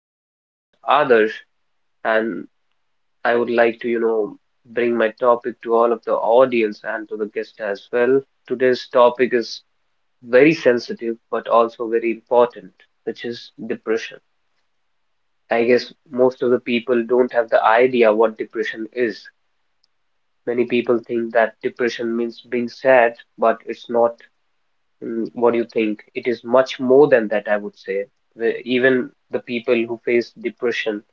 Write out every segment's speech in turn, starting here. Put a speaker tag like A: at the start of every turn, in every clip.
A: I'm your host Adarsh and I would like to, bring my topic to all of the audience and to the guest as well. Today's topic is very sensitive but also very important, which is depression. I guess most of the people don't have the idea what depression is. Many people think that depression means being sad, but it's not. What do you think? It is much more than that, I would say. Even the people who face depression,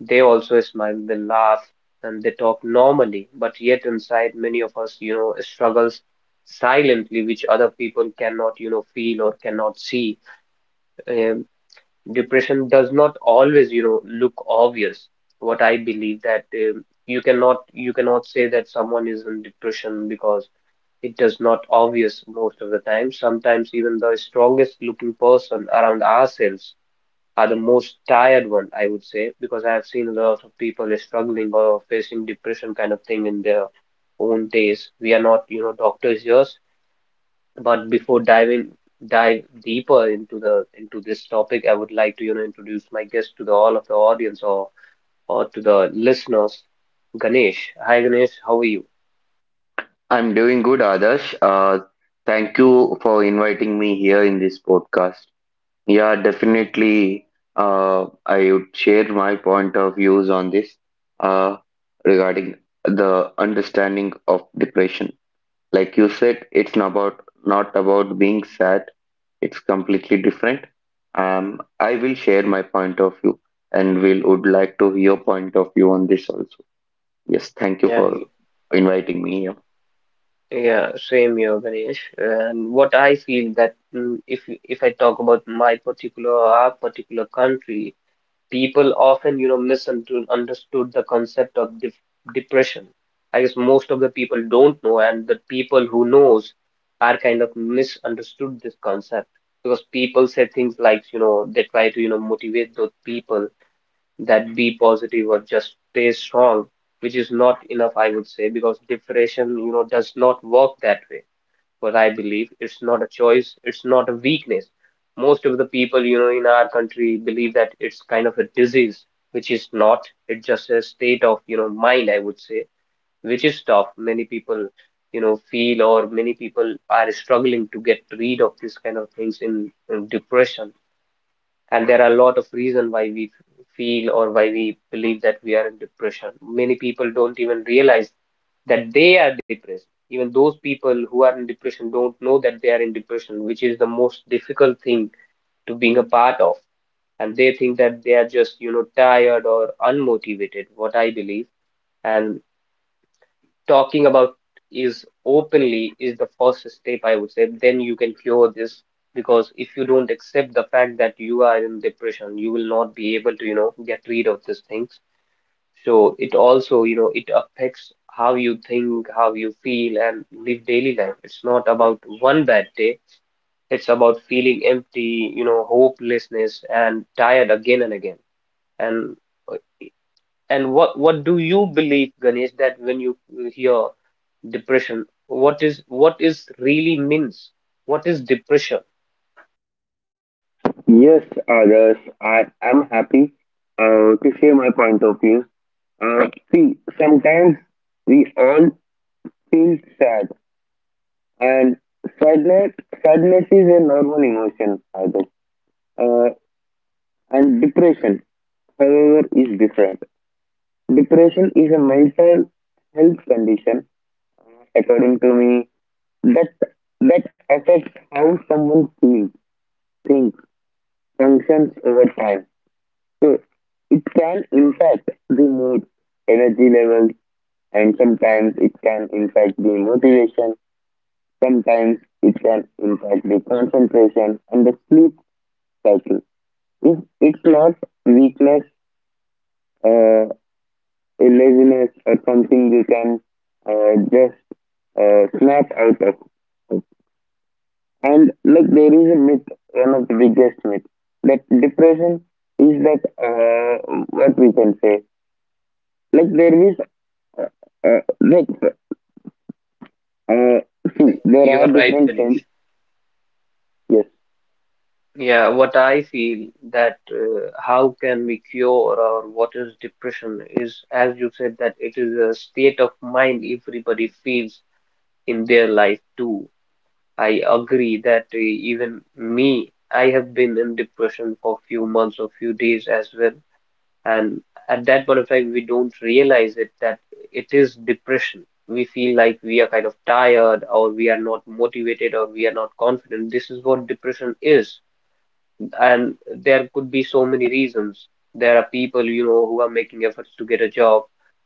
A: they also smile, they laugh, and they talk normally. But yet inside, many of us, struggles silently, which other people cannot, feel or cannot see. Um, Depression does not always, look obvious. What I believe that you cannot say that someone is in depression because it does not obvious most of the time. Sometimes even the strongest looking person around ourselves are the most tired one, I would say, because I have seen a lot of people is struggling or facing depression kind of thing in their own days. We are not, doctors here, but before diving dive deeper into this topic, I would like to, introduce my guest to the all of the audience or to the listeners, Ganesh. Hi Ganesh, how are you?
B: I'm doing good, Adarsh. Thank you for inviting me here in this podcast. Yeah, definitely. I would share my point of views on this uh, regarding the understanding of depression. Like you said, it's not about being sad. It's completely different. I will share my point of view, and will would like to hear your point of view on this also. Yes, thank you
A: Yeah,
B: for inviting me here.
A: yeah, same here, Ganesh. And what I feel that if I talk about my particular our particular country, people often, misunderstood the concept of def depression. I guess most of the people don't know, and the people who knows are kind of misunderstood this concept because people say things like, they try to, motivate those people that be positive or just stay strong, which is not enough, I would say, because depression, does not work that way. But I believe it's not a choice, it's not a weakness. Most of the people, in our country believe that it's kind of a disease, which is not. It's just a state of, mind, I would say, which is tough. Many people, feel or many people are struggling to get rid of this kind of things in depression, and there are a lot of reasons why we feel or why we believe that we are in depression. Many people don't even realize that they are depressed. Even those people who are in depression don't know that they are in depression, which is the most difficult thing to being a part of, and they think that they are just, you know, tired or unmotivated. What I believe and talking about is openly is the first step, I would say. Then you can cure this, because if you don't accept the fact that you are in depression, you will not be able to, get rid of these things. So it also, you know, it affects how you think, how you feel, and live daily life. It's not about one bad day. It's about feeling empty, you know, hopelessness and tired again and again. And and what do you believe, Ganesh, that when you hear depression, what is really means, what is depression?
B: Yes, others. I am happy to share my point of view. Uh, see, sometimes we all feel sad, and sadness, sadness is a normal emotion, Other. Uh, and depression, however, is different. Depression is a mental health condition, according to me, that that affects how someone feels, thinks, functions over time. So it can impact the mood, energy levels, and sometimes it can impact the motivation. Sometimes it can impact the concentration and the sleep cycle. If it's not weakness, uh, laziness, or something you can just snap out of. And like there is a myth, one of the biggest myth that depression is that what we can say. Like there is Uh, like, uh,
A: Yeah,
B: see, there
A: you
B: are
A: are right,
B: different
A: Ganesh.
B: things. Yes.
A: Yeah, what I feel that how can we cure, or what is depression is, as you said, that it is a state of mind, everybody feels in their life too. I agree that even me, I have been in depression for few months or few days as well. And at that point of time, we don't realize it that it is depression. We feel like we are kind of tired, or we are not motivated, or we are not confident. This is what depression is. And there could be so many reasons. There are people, who are making efforts to get a job,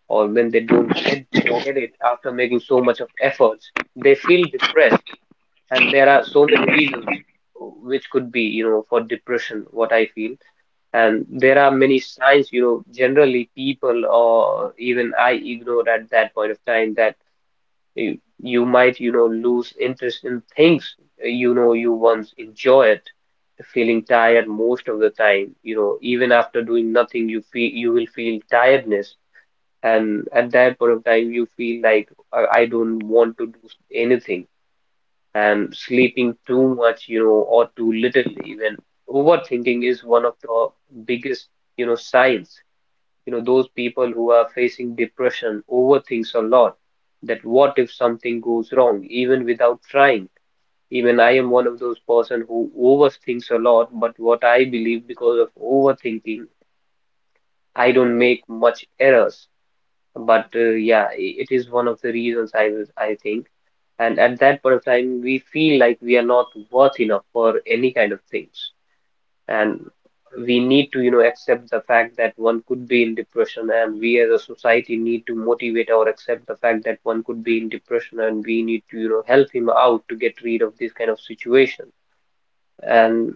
A: or when they don't get it after making so much of efforts, they feel depressed. And there are so many reasons which could be, for depression, what I feel. And there are many signs, you know, generally people or even I ignore at that point of time that you might, you know, lose interest in things, you know, you once enjoyed, feeling tired most of the time, you know, even after doing nothing, you will feel tiredness. And at that point of time, you feel like I don't want to do anything, and sleeping too much, you know, or too little even. Overthinking is one of the biggest, you know, signs. You know, those people who are facing depression overthinks a lot. That what if something goes wrong, even without trying. Even I am one of those person who overthinks a lot, but what I believe, because of overthinking, I don't make much errors. But yeah, it is one of the reasons I was, I think. And at that point of time, we feel like we are not worth enough for any kind of things. And we need to, you know, accept the fact that one could be in depression, and we as a society need to motivate or accept the fact that one could be in depression, and we need to, you know, help him out to get rid of this kind of situation. And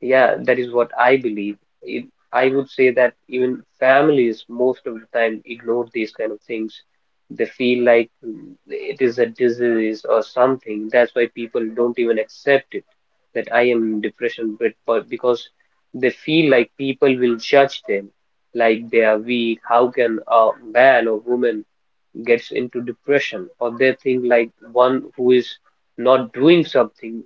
A: yeah, that is what I believe. It, I would say that even families most of the time ignore these kind of things. They feel like it is a disease or something. That's why people don't even accept it that I am in depression, but because they feel like people will judge them, like they are weak. How can a man or woman gets into depression, or they think like one who is not doing something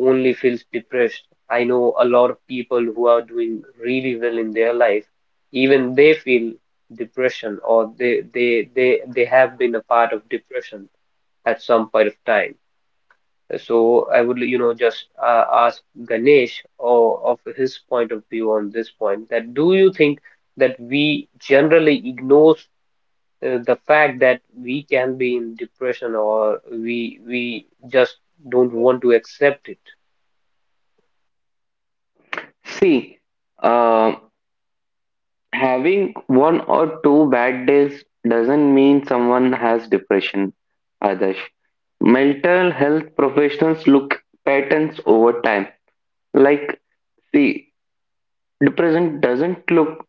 A: only feels depressed. I know a lot of people who are doing really well in their life, even they feel depression, or they have been a part of depression at some point of time. So I would, you know, just ask Ganesh or of his point of view on this point, that do you think that we generally ignore the fact that we can be in depression, or we just don't want to accept it.
B: See, uh, having one or two bad days doesn't mean someone has depression, Adarsh. Mental health professionals look patterns over time. Like, see, depression doesn't look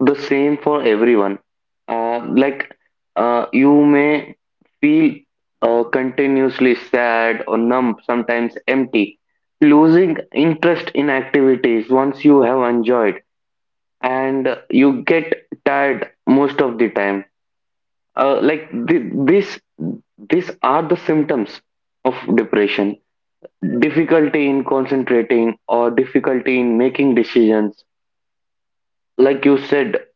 B: the same for everyone. Uh, like you may feel continuously sad or numb, sometimes empty, losing interest in activities once you have enjoyed, and you get tired most of the time. Uh, like th- this, these are the symptoms of depression. Difficulty in concentrating or difficulty in making decisions. Like you said,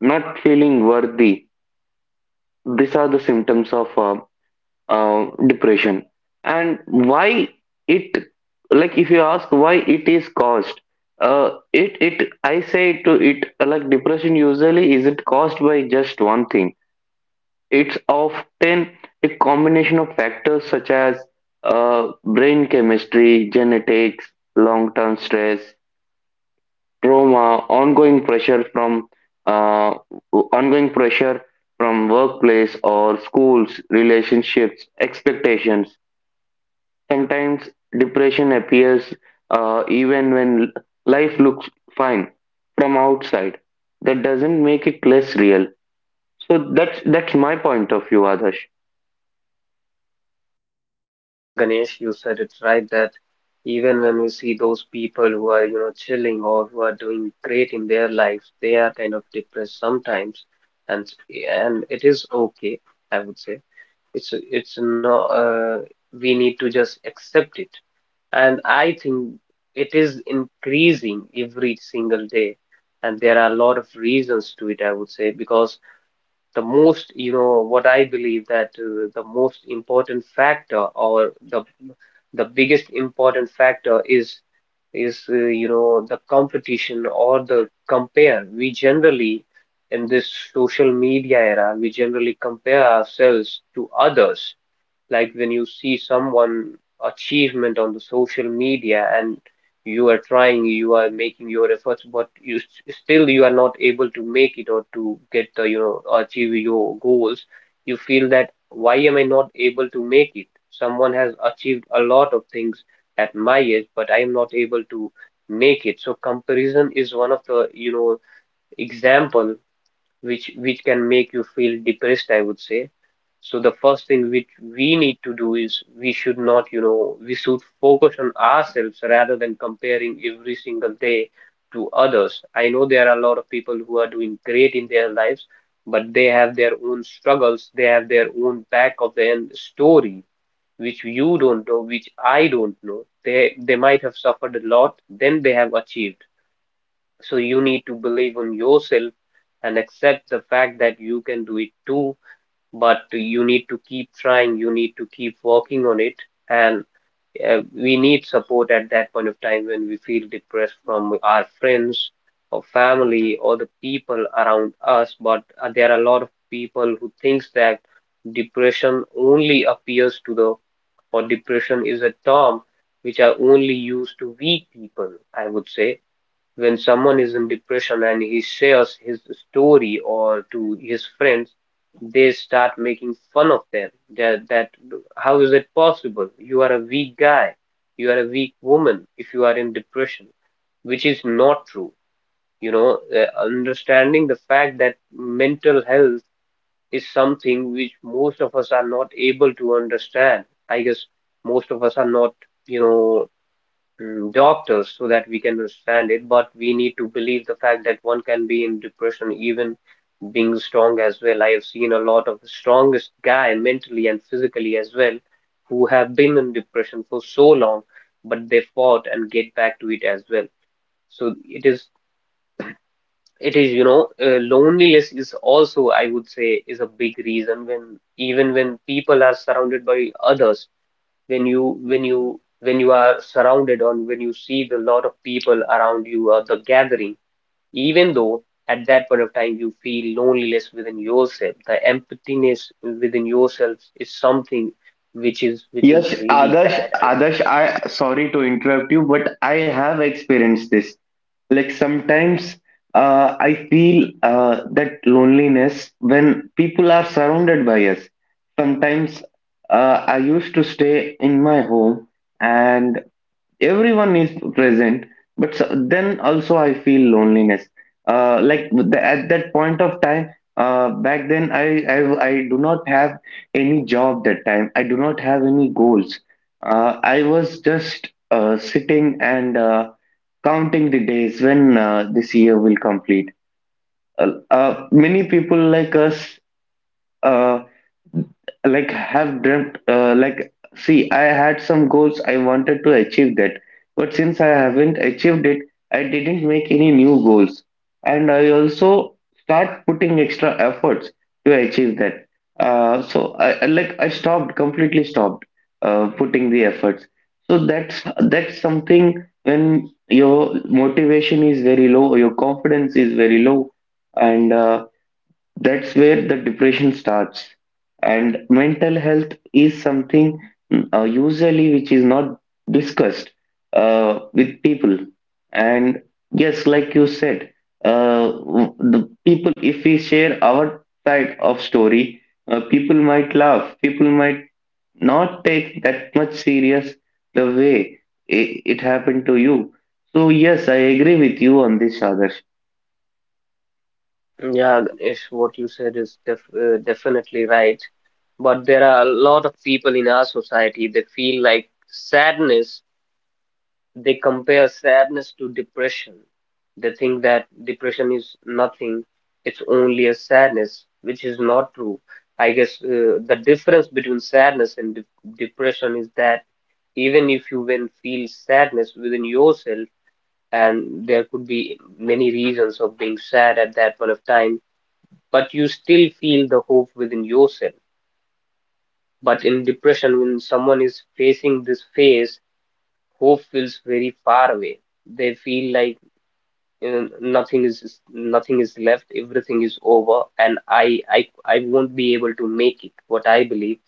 B: not feeling worthy, these are the symptoms of depression. And why it, like if you ask why it is caused, it it I say to it, like depression usually isn't caused by just one thing. It's often a combination of factors such as brain chemistry, genetics, long term stress, trauma, uh, ongoing pressure from workplace or schools, relationships, expectations. Sometimes depression appears even when life looks fine from outside. That doesn't make it less real. So that's my point of view, Adarsh.
A: Yeah, Ganesh, you said it right, that even when we see those people who are, you know, chilling or who are doing great in their lives, they are kind of depressed sometimes, and and it is okay, I would say. It's no, we need to just accept it. And I think it is increasing every single day. And there are a lot of reasons to it, I would say, because the most, you know, what I believe that the most important factor or the biggest important factor is you know, the competition or the compare. We generally, in this social media era, we generally compare ourselves to others, like when you see someone achievement on the social media, and you are trying, you are making your efforts, but you still you are not able to make it, or to get the, you know, achieve your goals, you feel that why am I not able to make it? Someone has achieved a lot of things at my age, but I am not able to make it. So comparison is one of the, you know, example which can make you feel depressed, I would say. So the first thing which we need to do is we should not, you know, we should focus on ourselves rather than comparing every single day to others. I know there are a lot of people who are doing great in their lives, but they have their own struggles, they have their own back of the end story, which you don't know, which I don't know. They might have suffered a lot, then they have achieved. So you need to believe in yourself and accept the fact that you can do it too, but you need to keep trying, you need to keep working on it. And we need support at that point of time when we feel depressed from our friends or family or the people around us. But there are a lot of people who thinks that depression only appears to the, or depression is a term which are only used to weak people, I would say. When someone is in depression and he shares his story or to his friends, they start making fun of them. That, that how is it possible? You are a weak guy. You are a weak woman if you are in depression, which is not true. You know, understanding the fact that mental health is something which most of us are not able to understand. I guess most of us are not, you know, doctors so that we can understand it, but we need to believe the fact that one can be in depression even being strong as well. I have seen a lot of the strongest guy mentally and physically as well who have been in depression for so long, but they fought and get back to it as well. So it is you know Loneliness is also, I would say, is a big reason when even when people are surrounded by others, when you are surrounded on, when you see the lot of people around you or the gathering, even though at that point of time you feel loneliness within yourself, the emptiness within yourself is something which is
B: Yes,
A: really
B: Adarsh,
A: bad, I would
B: Adarsh, I sorry to interrupt you, but I have experienced this. Like sometimes I feel that loneliness when people are surrounded by us. Sometimes I used to stay in my home, and everyone is present, but then also I feel loneliness. At that point of time, back then, I do not have any job. That time I do not have any goals. I was just sitting and counting the days when this year will complete. Many people like us, uh, like have dreamt. See, I had some goals I wanted to achieve that, but since I haven't achieved it, I didn't make any new goals. And I also start putting extra efforts to achieve that. I stopped, completely stopped putting the efforts. So that's something. When your motivation is very low, your confidence is very low, and that's where the depression starts. And mental health is something usually which is not discussed with people. And yes, like you said, the people, if we share our side of story, people might laugh. People might not take that much serious the way it happened to you. So yes, I agree with you on this, Adarsh.
A: say. Yeah, Ganesh, what you said is definitely right, but there are a lot of people in our society they feel like sadness. They compare sadness to depression. They think that depression is nothing, it's only a sadness, which is not true. I guess the difference between sadness and de depression is that even if you when feel sadness within yourself, and there could be many reasons of being sad at that point of time, but you still feel the hope within yourself. But in depression, when someone is facing this phase, hope feels very far away. They feel like uh, nothing is nothing is left, everything is over, and I won't be able to make it, what I believe.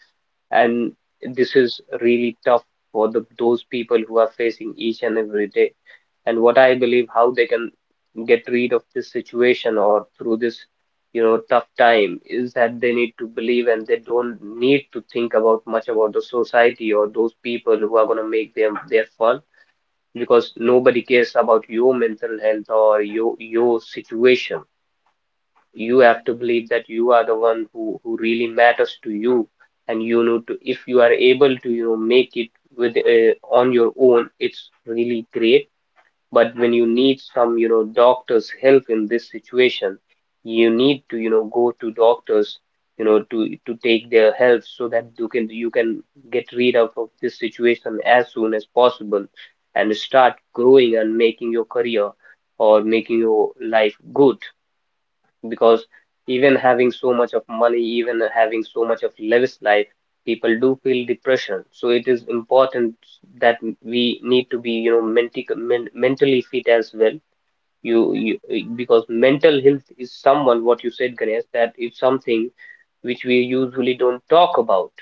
A: And this is really tough for those people who are facing each and every day. And what I believe how they can get rid of this situation or through this, you know, tough time is that they need to believe and they don't need to think about much about the society or those people who are going to make them their fun, because nobody cares about your mental health or your situation. You have to believe that you are the one who really matters to you, and you know, to if you are able to, you know, make it with on your own, it's really great. But when you need some, you know, doctor's help in this situation, you need to, you know, go to doctors, you know, to take their help so that you can get rid of this situation as soon as possible and start growing and making your career or making your life good. Because even having so much of money, even having so much of lavish life, people do feel depression. So it is important that we need to be, you know, menti men mentally fit as well. You, you, because mental health is someone, what you said, Ganesh, that is something which we usually don't talk about.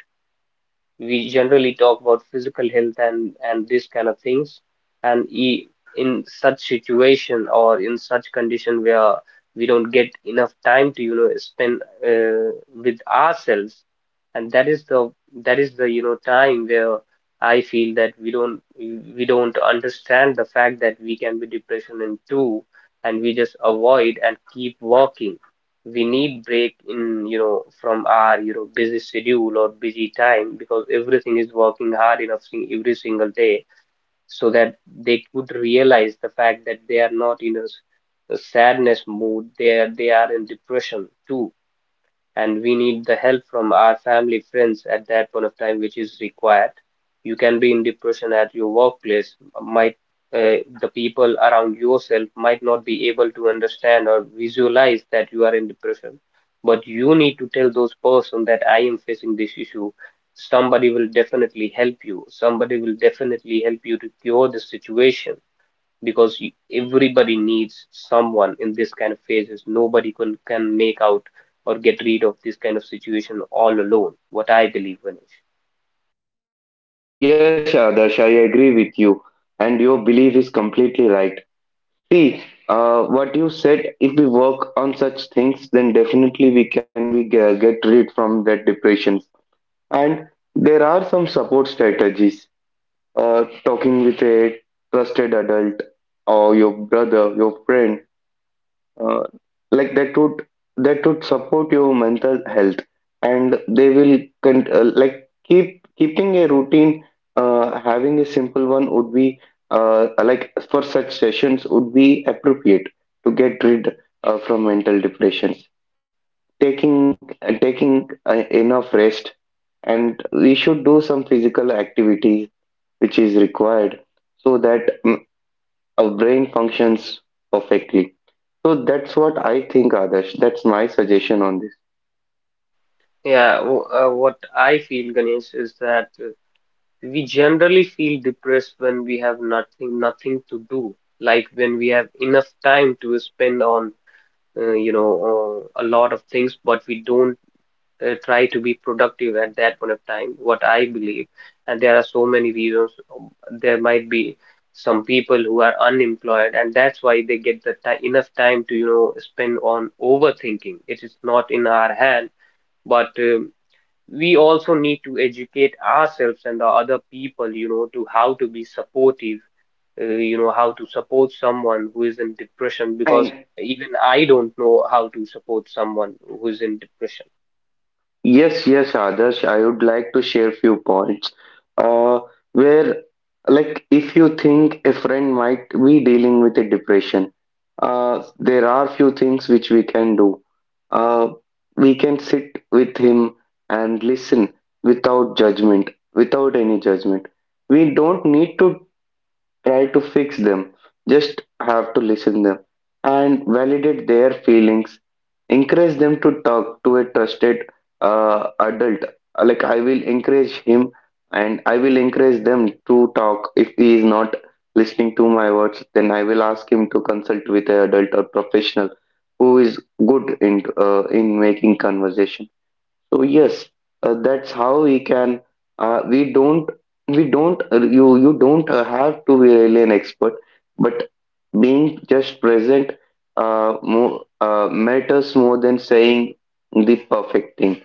A: We generally talk about physical health and these kind of things. And e In such situation or in such condition where we don't get enough time to, you know, spend with ourselves, and that is the you know, time where I feel that we don't understand the fact that we can be depression in two, and we just avoid and keep working. We need break in, you know, from our, you know, busy schedule or busy time, because everything is working hard enough every single day, so that they could realize the fact that they are not in a a sadness mood, they are in depression too. And we need the help from our family, friends at that point of time, which is required. You can be in depression at your workplace. Might the people around yourself might not be able to understand or visualize that you are in depression, but you need to tell those person that I am facing this issue. Somebody will definitely help you. Somebody will definitely help you to cure the situation, because you, everybody needs someone in this kind of phases. Nobody can make out or get rid of this kind of situation all alone. What I believe, Ganesh.
B: Yes, Adarsh, I agree with you, and your belief is completely right. See, what you said, if we work on such things, then definitely we can get rid from that depression. And there are some support strategies. Talking with a trusted adult or your brother, your friend, uh, like that would, that would support your mental health. And they will keep keeping a routine, having a simple one would be for such sessions, would be appropriate to get rid from mental depressions. Taking enough rest, and we should do some physical activities, which is required, so that our brain functions perfectly. So that's what I think, Adarsh. That's my suggestion on this.
A: Yeah, what I feel, Ganesh, is that we generally feel depressed when we have nothing to do, like when we have enough time to spend on a lot of things, but we don't try to be productive at that point of time, what I believe. And there are so many reasons. um, There might be some people who are unemployed, and that's why they get the ti enough time to, you know, spend on overthinking. It is not in our hand, but we also need to educate ourselves and the other people, you know, to how to be supportive. You know how to support someone who is in depression, because
B: And
A: even I don't know how to support someone who is in depression.
B: yes, yes, Adarsh, I would like to share few points uh, where, like, if you think a friend might be dealing with a depression, there are few things which we can do. Uh, we can sit with him and listen without judgment, without any judgment. We don't need to try to fix them, just have to listen them and validate their feelings. Encourage them to talk to a trusted adult. Like I will encourage him, and I will encourage them to talk. If he is not listening to my words, then I will ask him to consult with an adult or professional who is good in making conversation. So yes, that's how we can. We don't. We don't. You don't have to be really an expert, but being just present more, matters more than saying the perfect thing.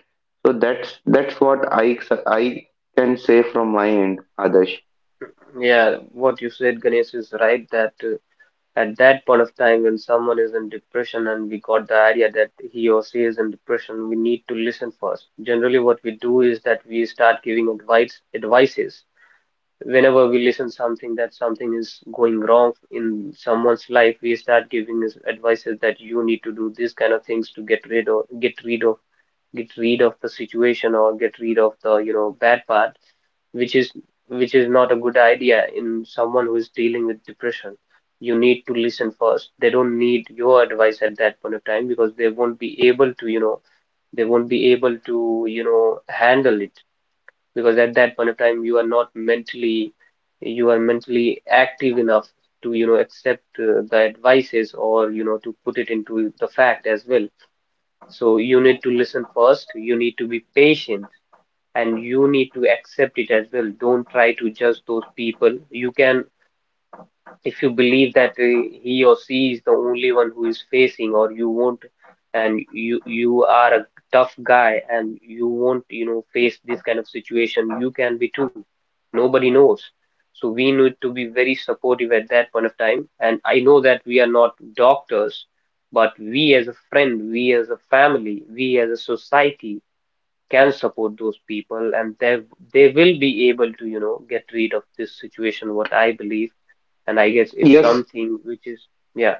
B: So that's what I can say from my end, Adarsh.
A: Yeah, what you said, Ganesh, is right that at that point of time when someone is in depression and we got the idea that he or she is in depression, we need to listen first. Generally, what we do is that we start giving advices. Whenever we listen something that something is going wrong in someone's life, we start giving is advices that you need to do these kind of things to get rid of the situation or get rid of the, you know, bad part which is not a good idea in someone who is dealing with depression. You need to listen first. They don't need your advice at that point of time, because they won't be able to, you know, they won't be able to, you know, handle it. Because at that point of time you are not mentally, you are mentally active enough to, you know, accept the advices, or, you know, to put it into the fact as well. So you need to listen first. You need to be patient and you need to accept it as well. Don't try to judge those people. You can, if you believe that he or she is the only one who is facing, or you won't, and you are a tough guy and you won't, you know, face this kind of situation, you can be too. Nobody knows. So we need to be very supportive at that point of time. And I know that we are not doctors, but we as a friend, we as a family, we as a society can support those people, and they will be able to, you know, get rid of this situation, what I believe. And I guess it's
B: Yes,
A: something which is yeah.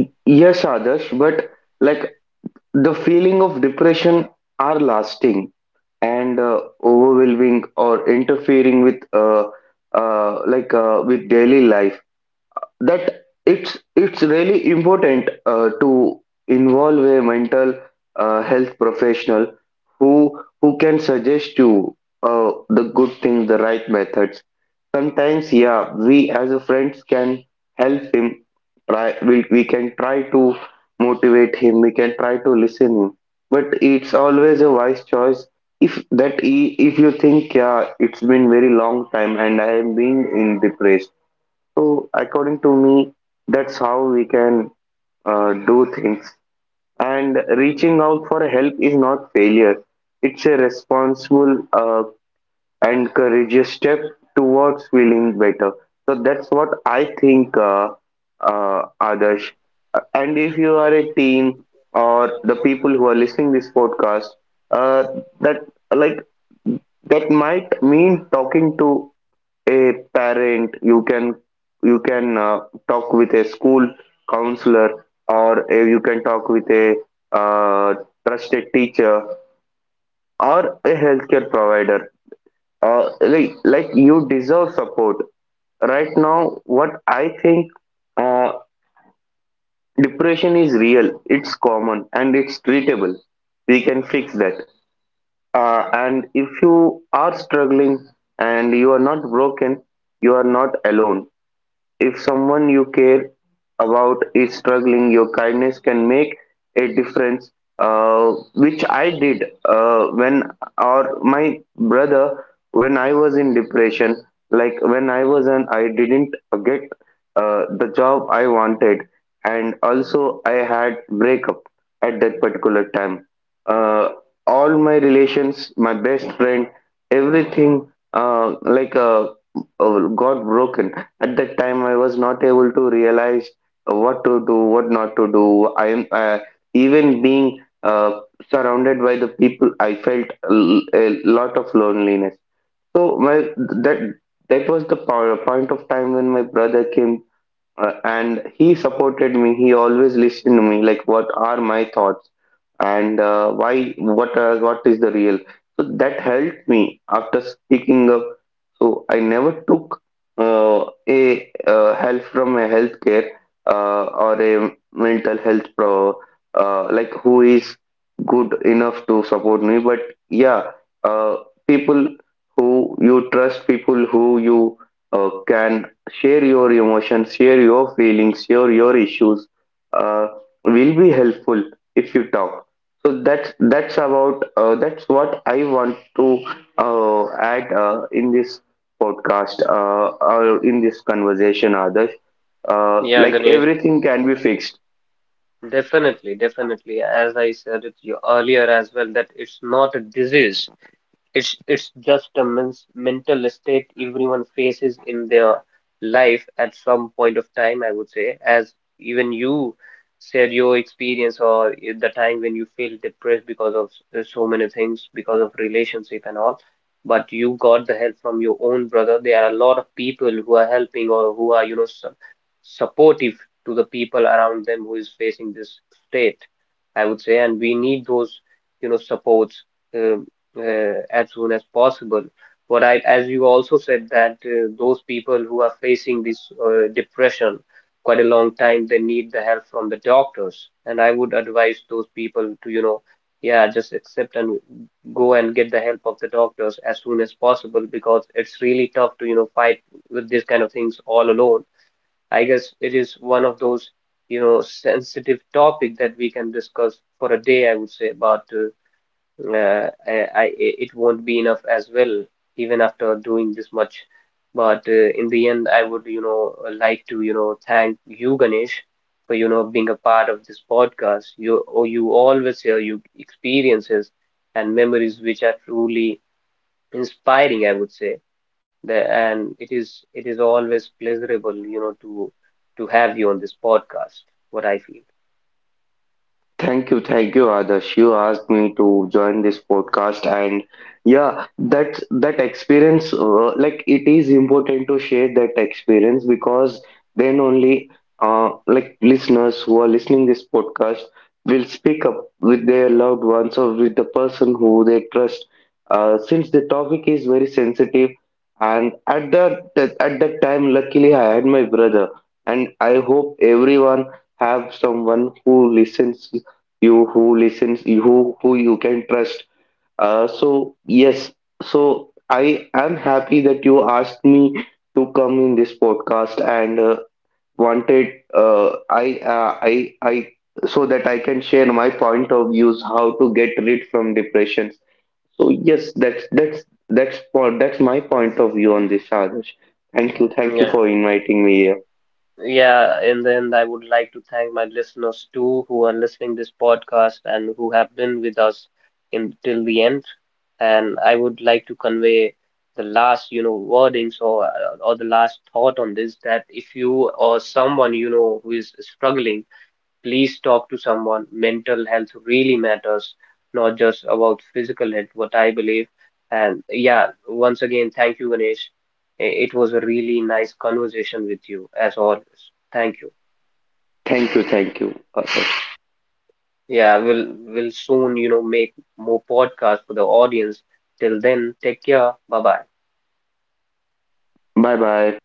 B: yes, Adarsh. But like the feeling of depression are lasting and overwhelming, or interfering with with daily life, that it's really important to involve a mental health professional who can suggest you the good things, the right methods. Sometimes, yeah, we as a friends can help him, try. We can try to motivate him, we can try to listen him. But it's always a wise choice if if you think, yeah, it's been very long time and I am being in depressed. So, according to me, that's how we can do things. And reaching out for help is not failure, it's a responsible, encourage a step towards feeling better. So that's what I think, Adarsh. And if you
A: Yeah.
B: are a teen or the people who are listening this podcast, uh, that like that might mean talking to a parent. You can talk with a school counselor, or you can talk with a uh, trusted teacher or a healthcare provider. Like you deserve support right now, what I think. uh, Depression is real, it's common, and it's treatable. We can fix that. And if you are struggling, and you are not broken, you are not alone. If someone you care about is struggling, your kindness can make a difference, which I did or my brother, when I was in depression. Like when I was an, I didn't get the job I wanted, and also I had breakup at that particular time. Uh, all my relations, my best friend, everything got broken. At that time, I was not able to realize what to do, what not to do. I am Even being uh, surrounded by the people, I felt a lot of loneliness. So my that that was the point of time when my brother came, and he supported me. He always listened to me, like what are my thoughts, and why what is the real. So that helped me after speaking up. So I never took uh, a help from a healthcare or a mental health pro like who is good enough to support me. But yeah, uh, people who you trust, people who you can share your emotions, share your feelings, share your issues Uh, will be helpful if you talk. So that's about that's what I want to add in this podcast, or in this conversation, Adarsh.
A: Yeah, Ganesh,
B: Everything can be fixed.
A: definitely as I said it you earlier as well that it's not a disease. It's just a mens mental state everyone faces in their life at some point of time, I would say, as even you said your experience, or the time when you feel depressed because of so many things, because of relationship and all. But you got the help from your own brother. There are a lot of people who are helping or who are, you know, su supportive to the people around them who is facing this state, I would say. And we need those, you know, supports Uh, as soon as possible. But I, as you also said that those people who are facing this depression quite a long time, they need the help from the doctors. And I would advise those people to, you know, yeah, just accept and go and get the help of the doctors as soon as possible, because it's really tough to, you know, fight with these kind of things all alone. I guess it is one of those, you know, sensitive topic that we can discuss for a day, I would say, about. I It won't be enough as well even after doing this much. But in the end, I would, you know, like to, you know, thank you, Ganesh, for, you know, being a part of this podcast. You, oh, you always share your experiences and memories which are truly inspiring, I would say. And it is always pleasurable, you know, to have you on this podcast, what I feel.
B: Thank you, Adarsh. You asked me to join this podcast, and yeah, that, that experience, like it is important to share that experience, because then only, like listeners who are listening this podcast will speak up with their loved ones or with the person who they trust. Since the topic is very sensitive, and at at that time, luckily I had my brother, and I hope everyone have someone who listens you, who listens you, who you can trust. So yes, so I am happy that you asked me to come in this podcast, and wanted I so that I can share my point of views how to get rid from depressions. So yes, that's my point of view on this, Adarsh. Thank you, thank you
A: Yeah.
B: for inviting me here.
A: Yeah, and then I would like to thank my listeners too who are listening this podcast and who have been with us in till the end. And I would like to convey the last, you know, wordings or the last thought on this, that if you or someone you know who is struggling, please talk to someone. Mental health really matters, not just about physical health, what I believe. And yeah, once again, thank you, Ganesh. I- It was a really nice conversation with you, as always. Thank you.
B: Thank you, thank you.
A: Yeah, we'll soon, you know, make more podcasts for the audience. Till then, take care. Bye bye.
B: Bye bye.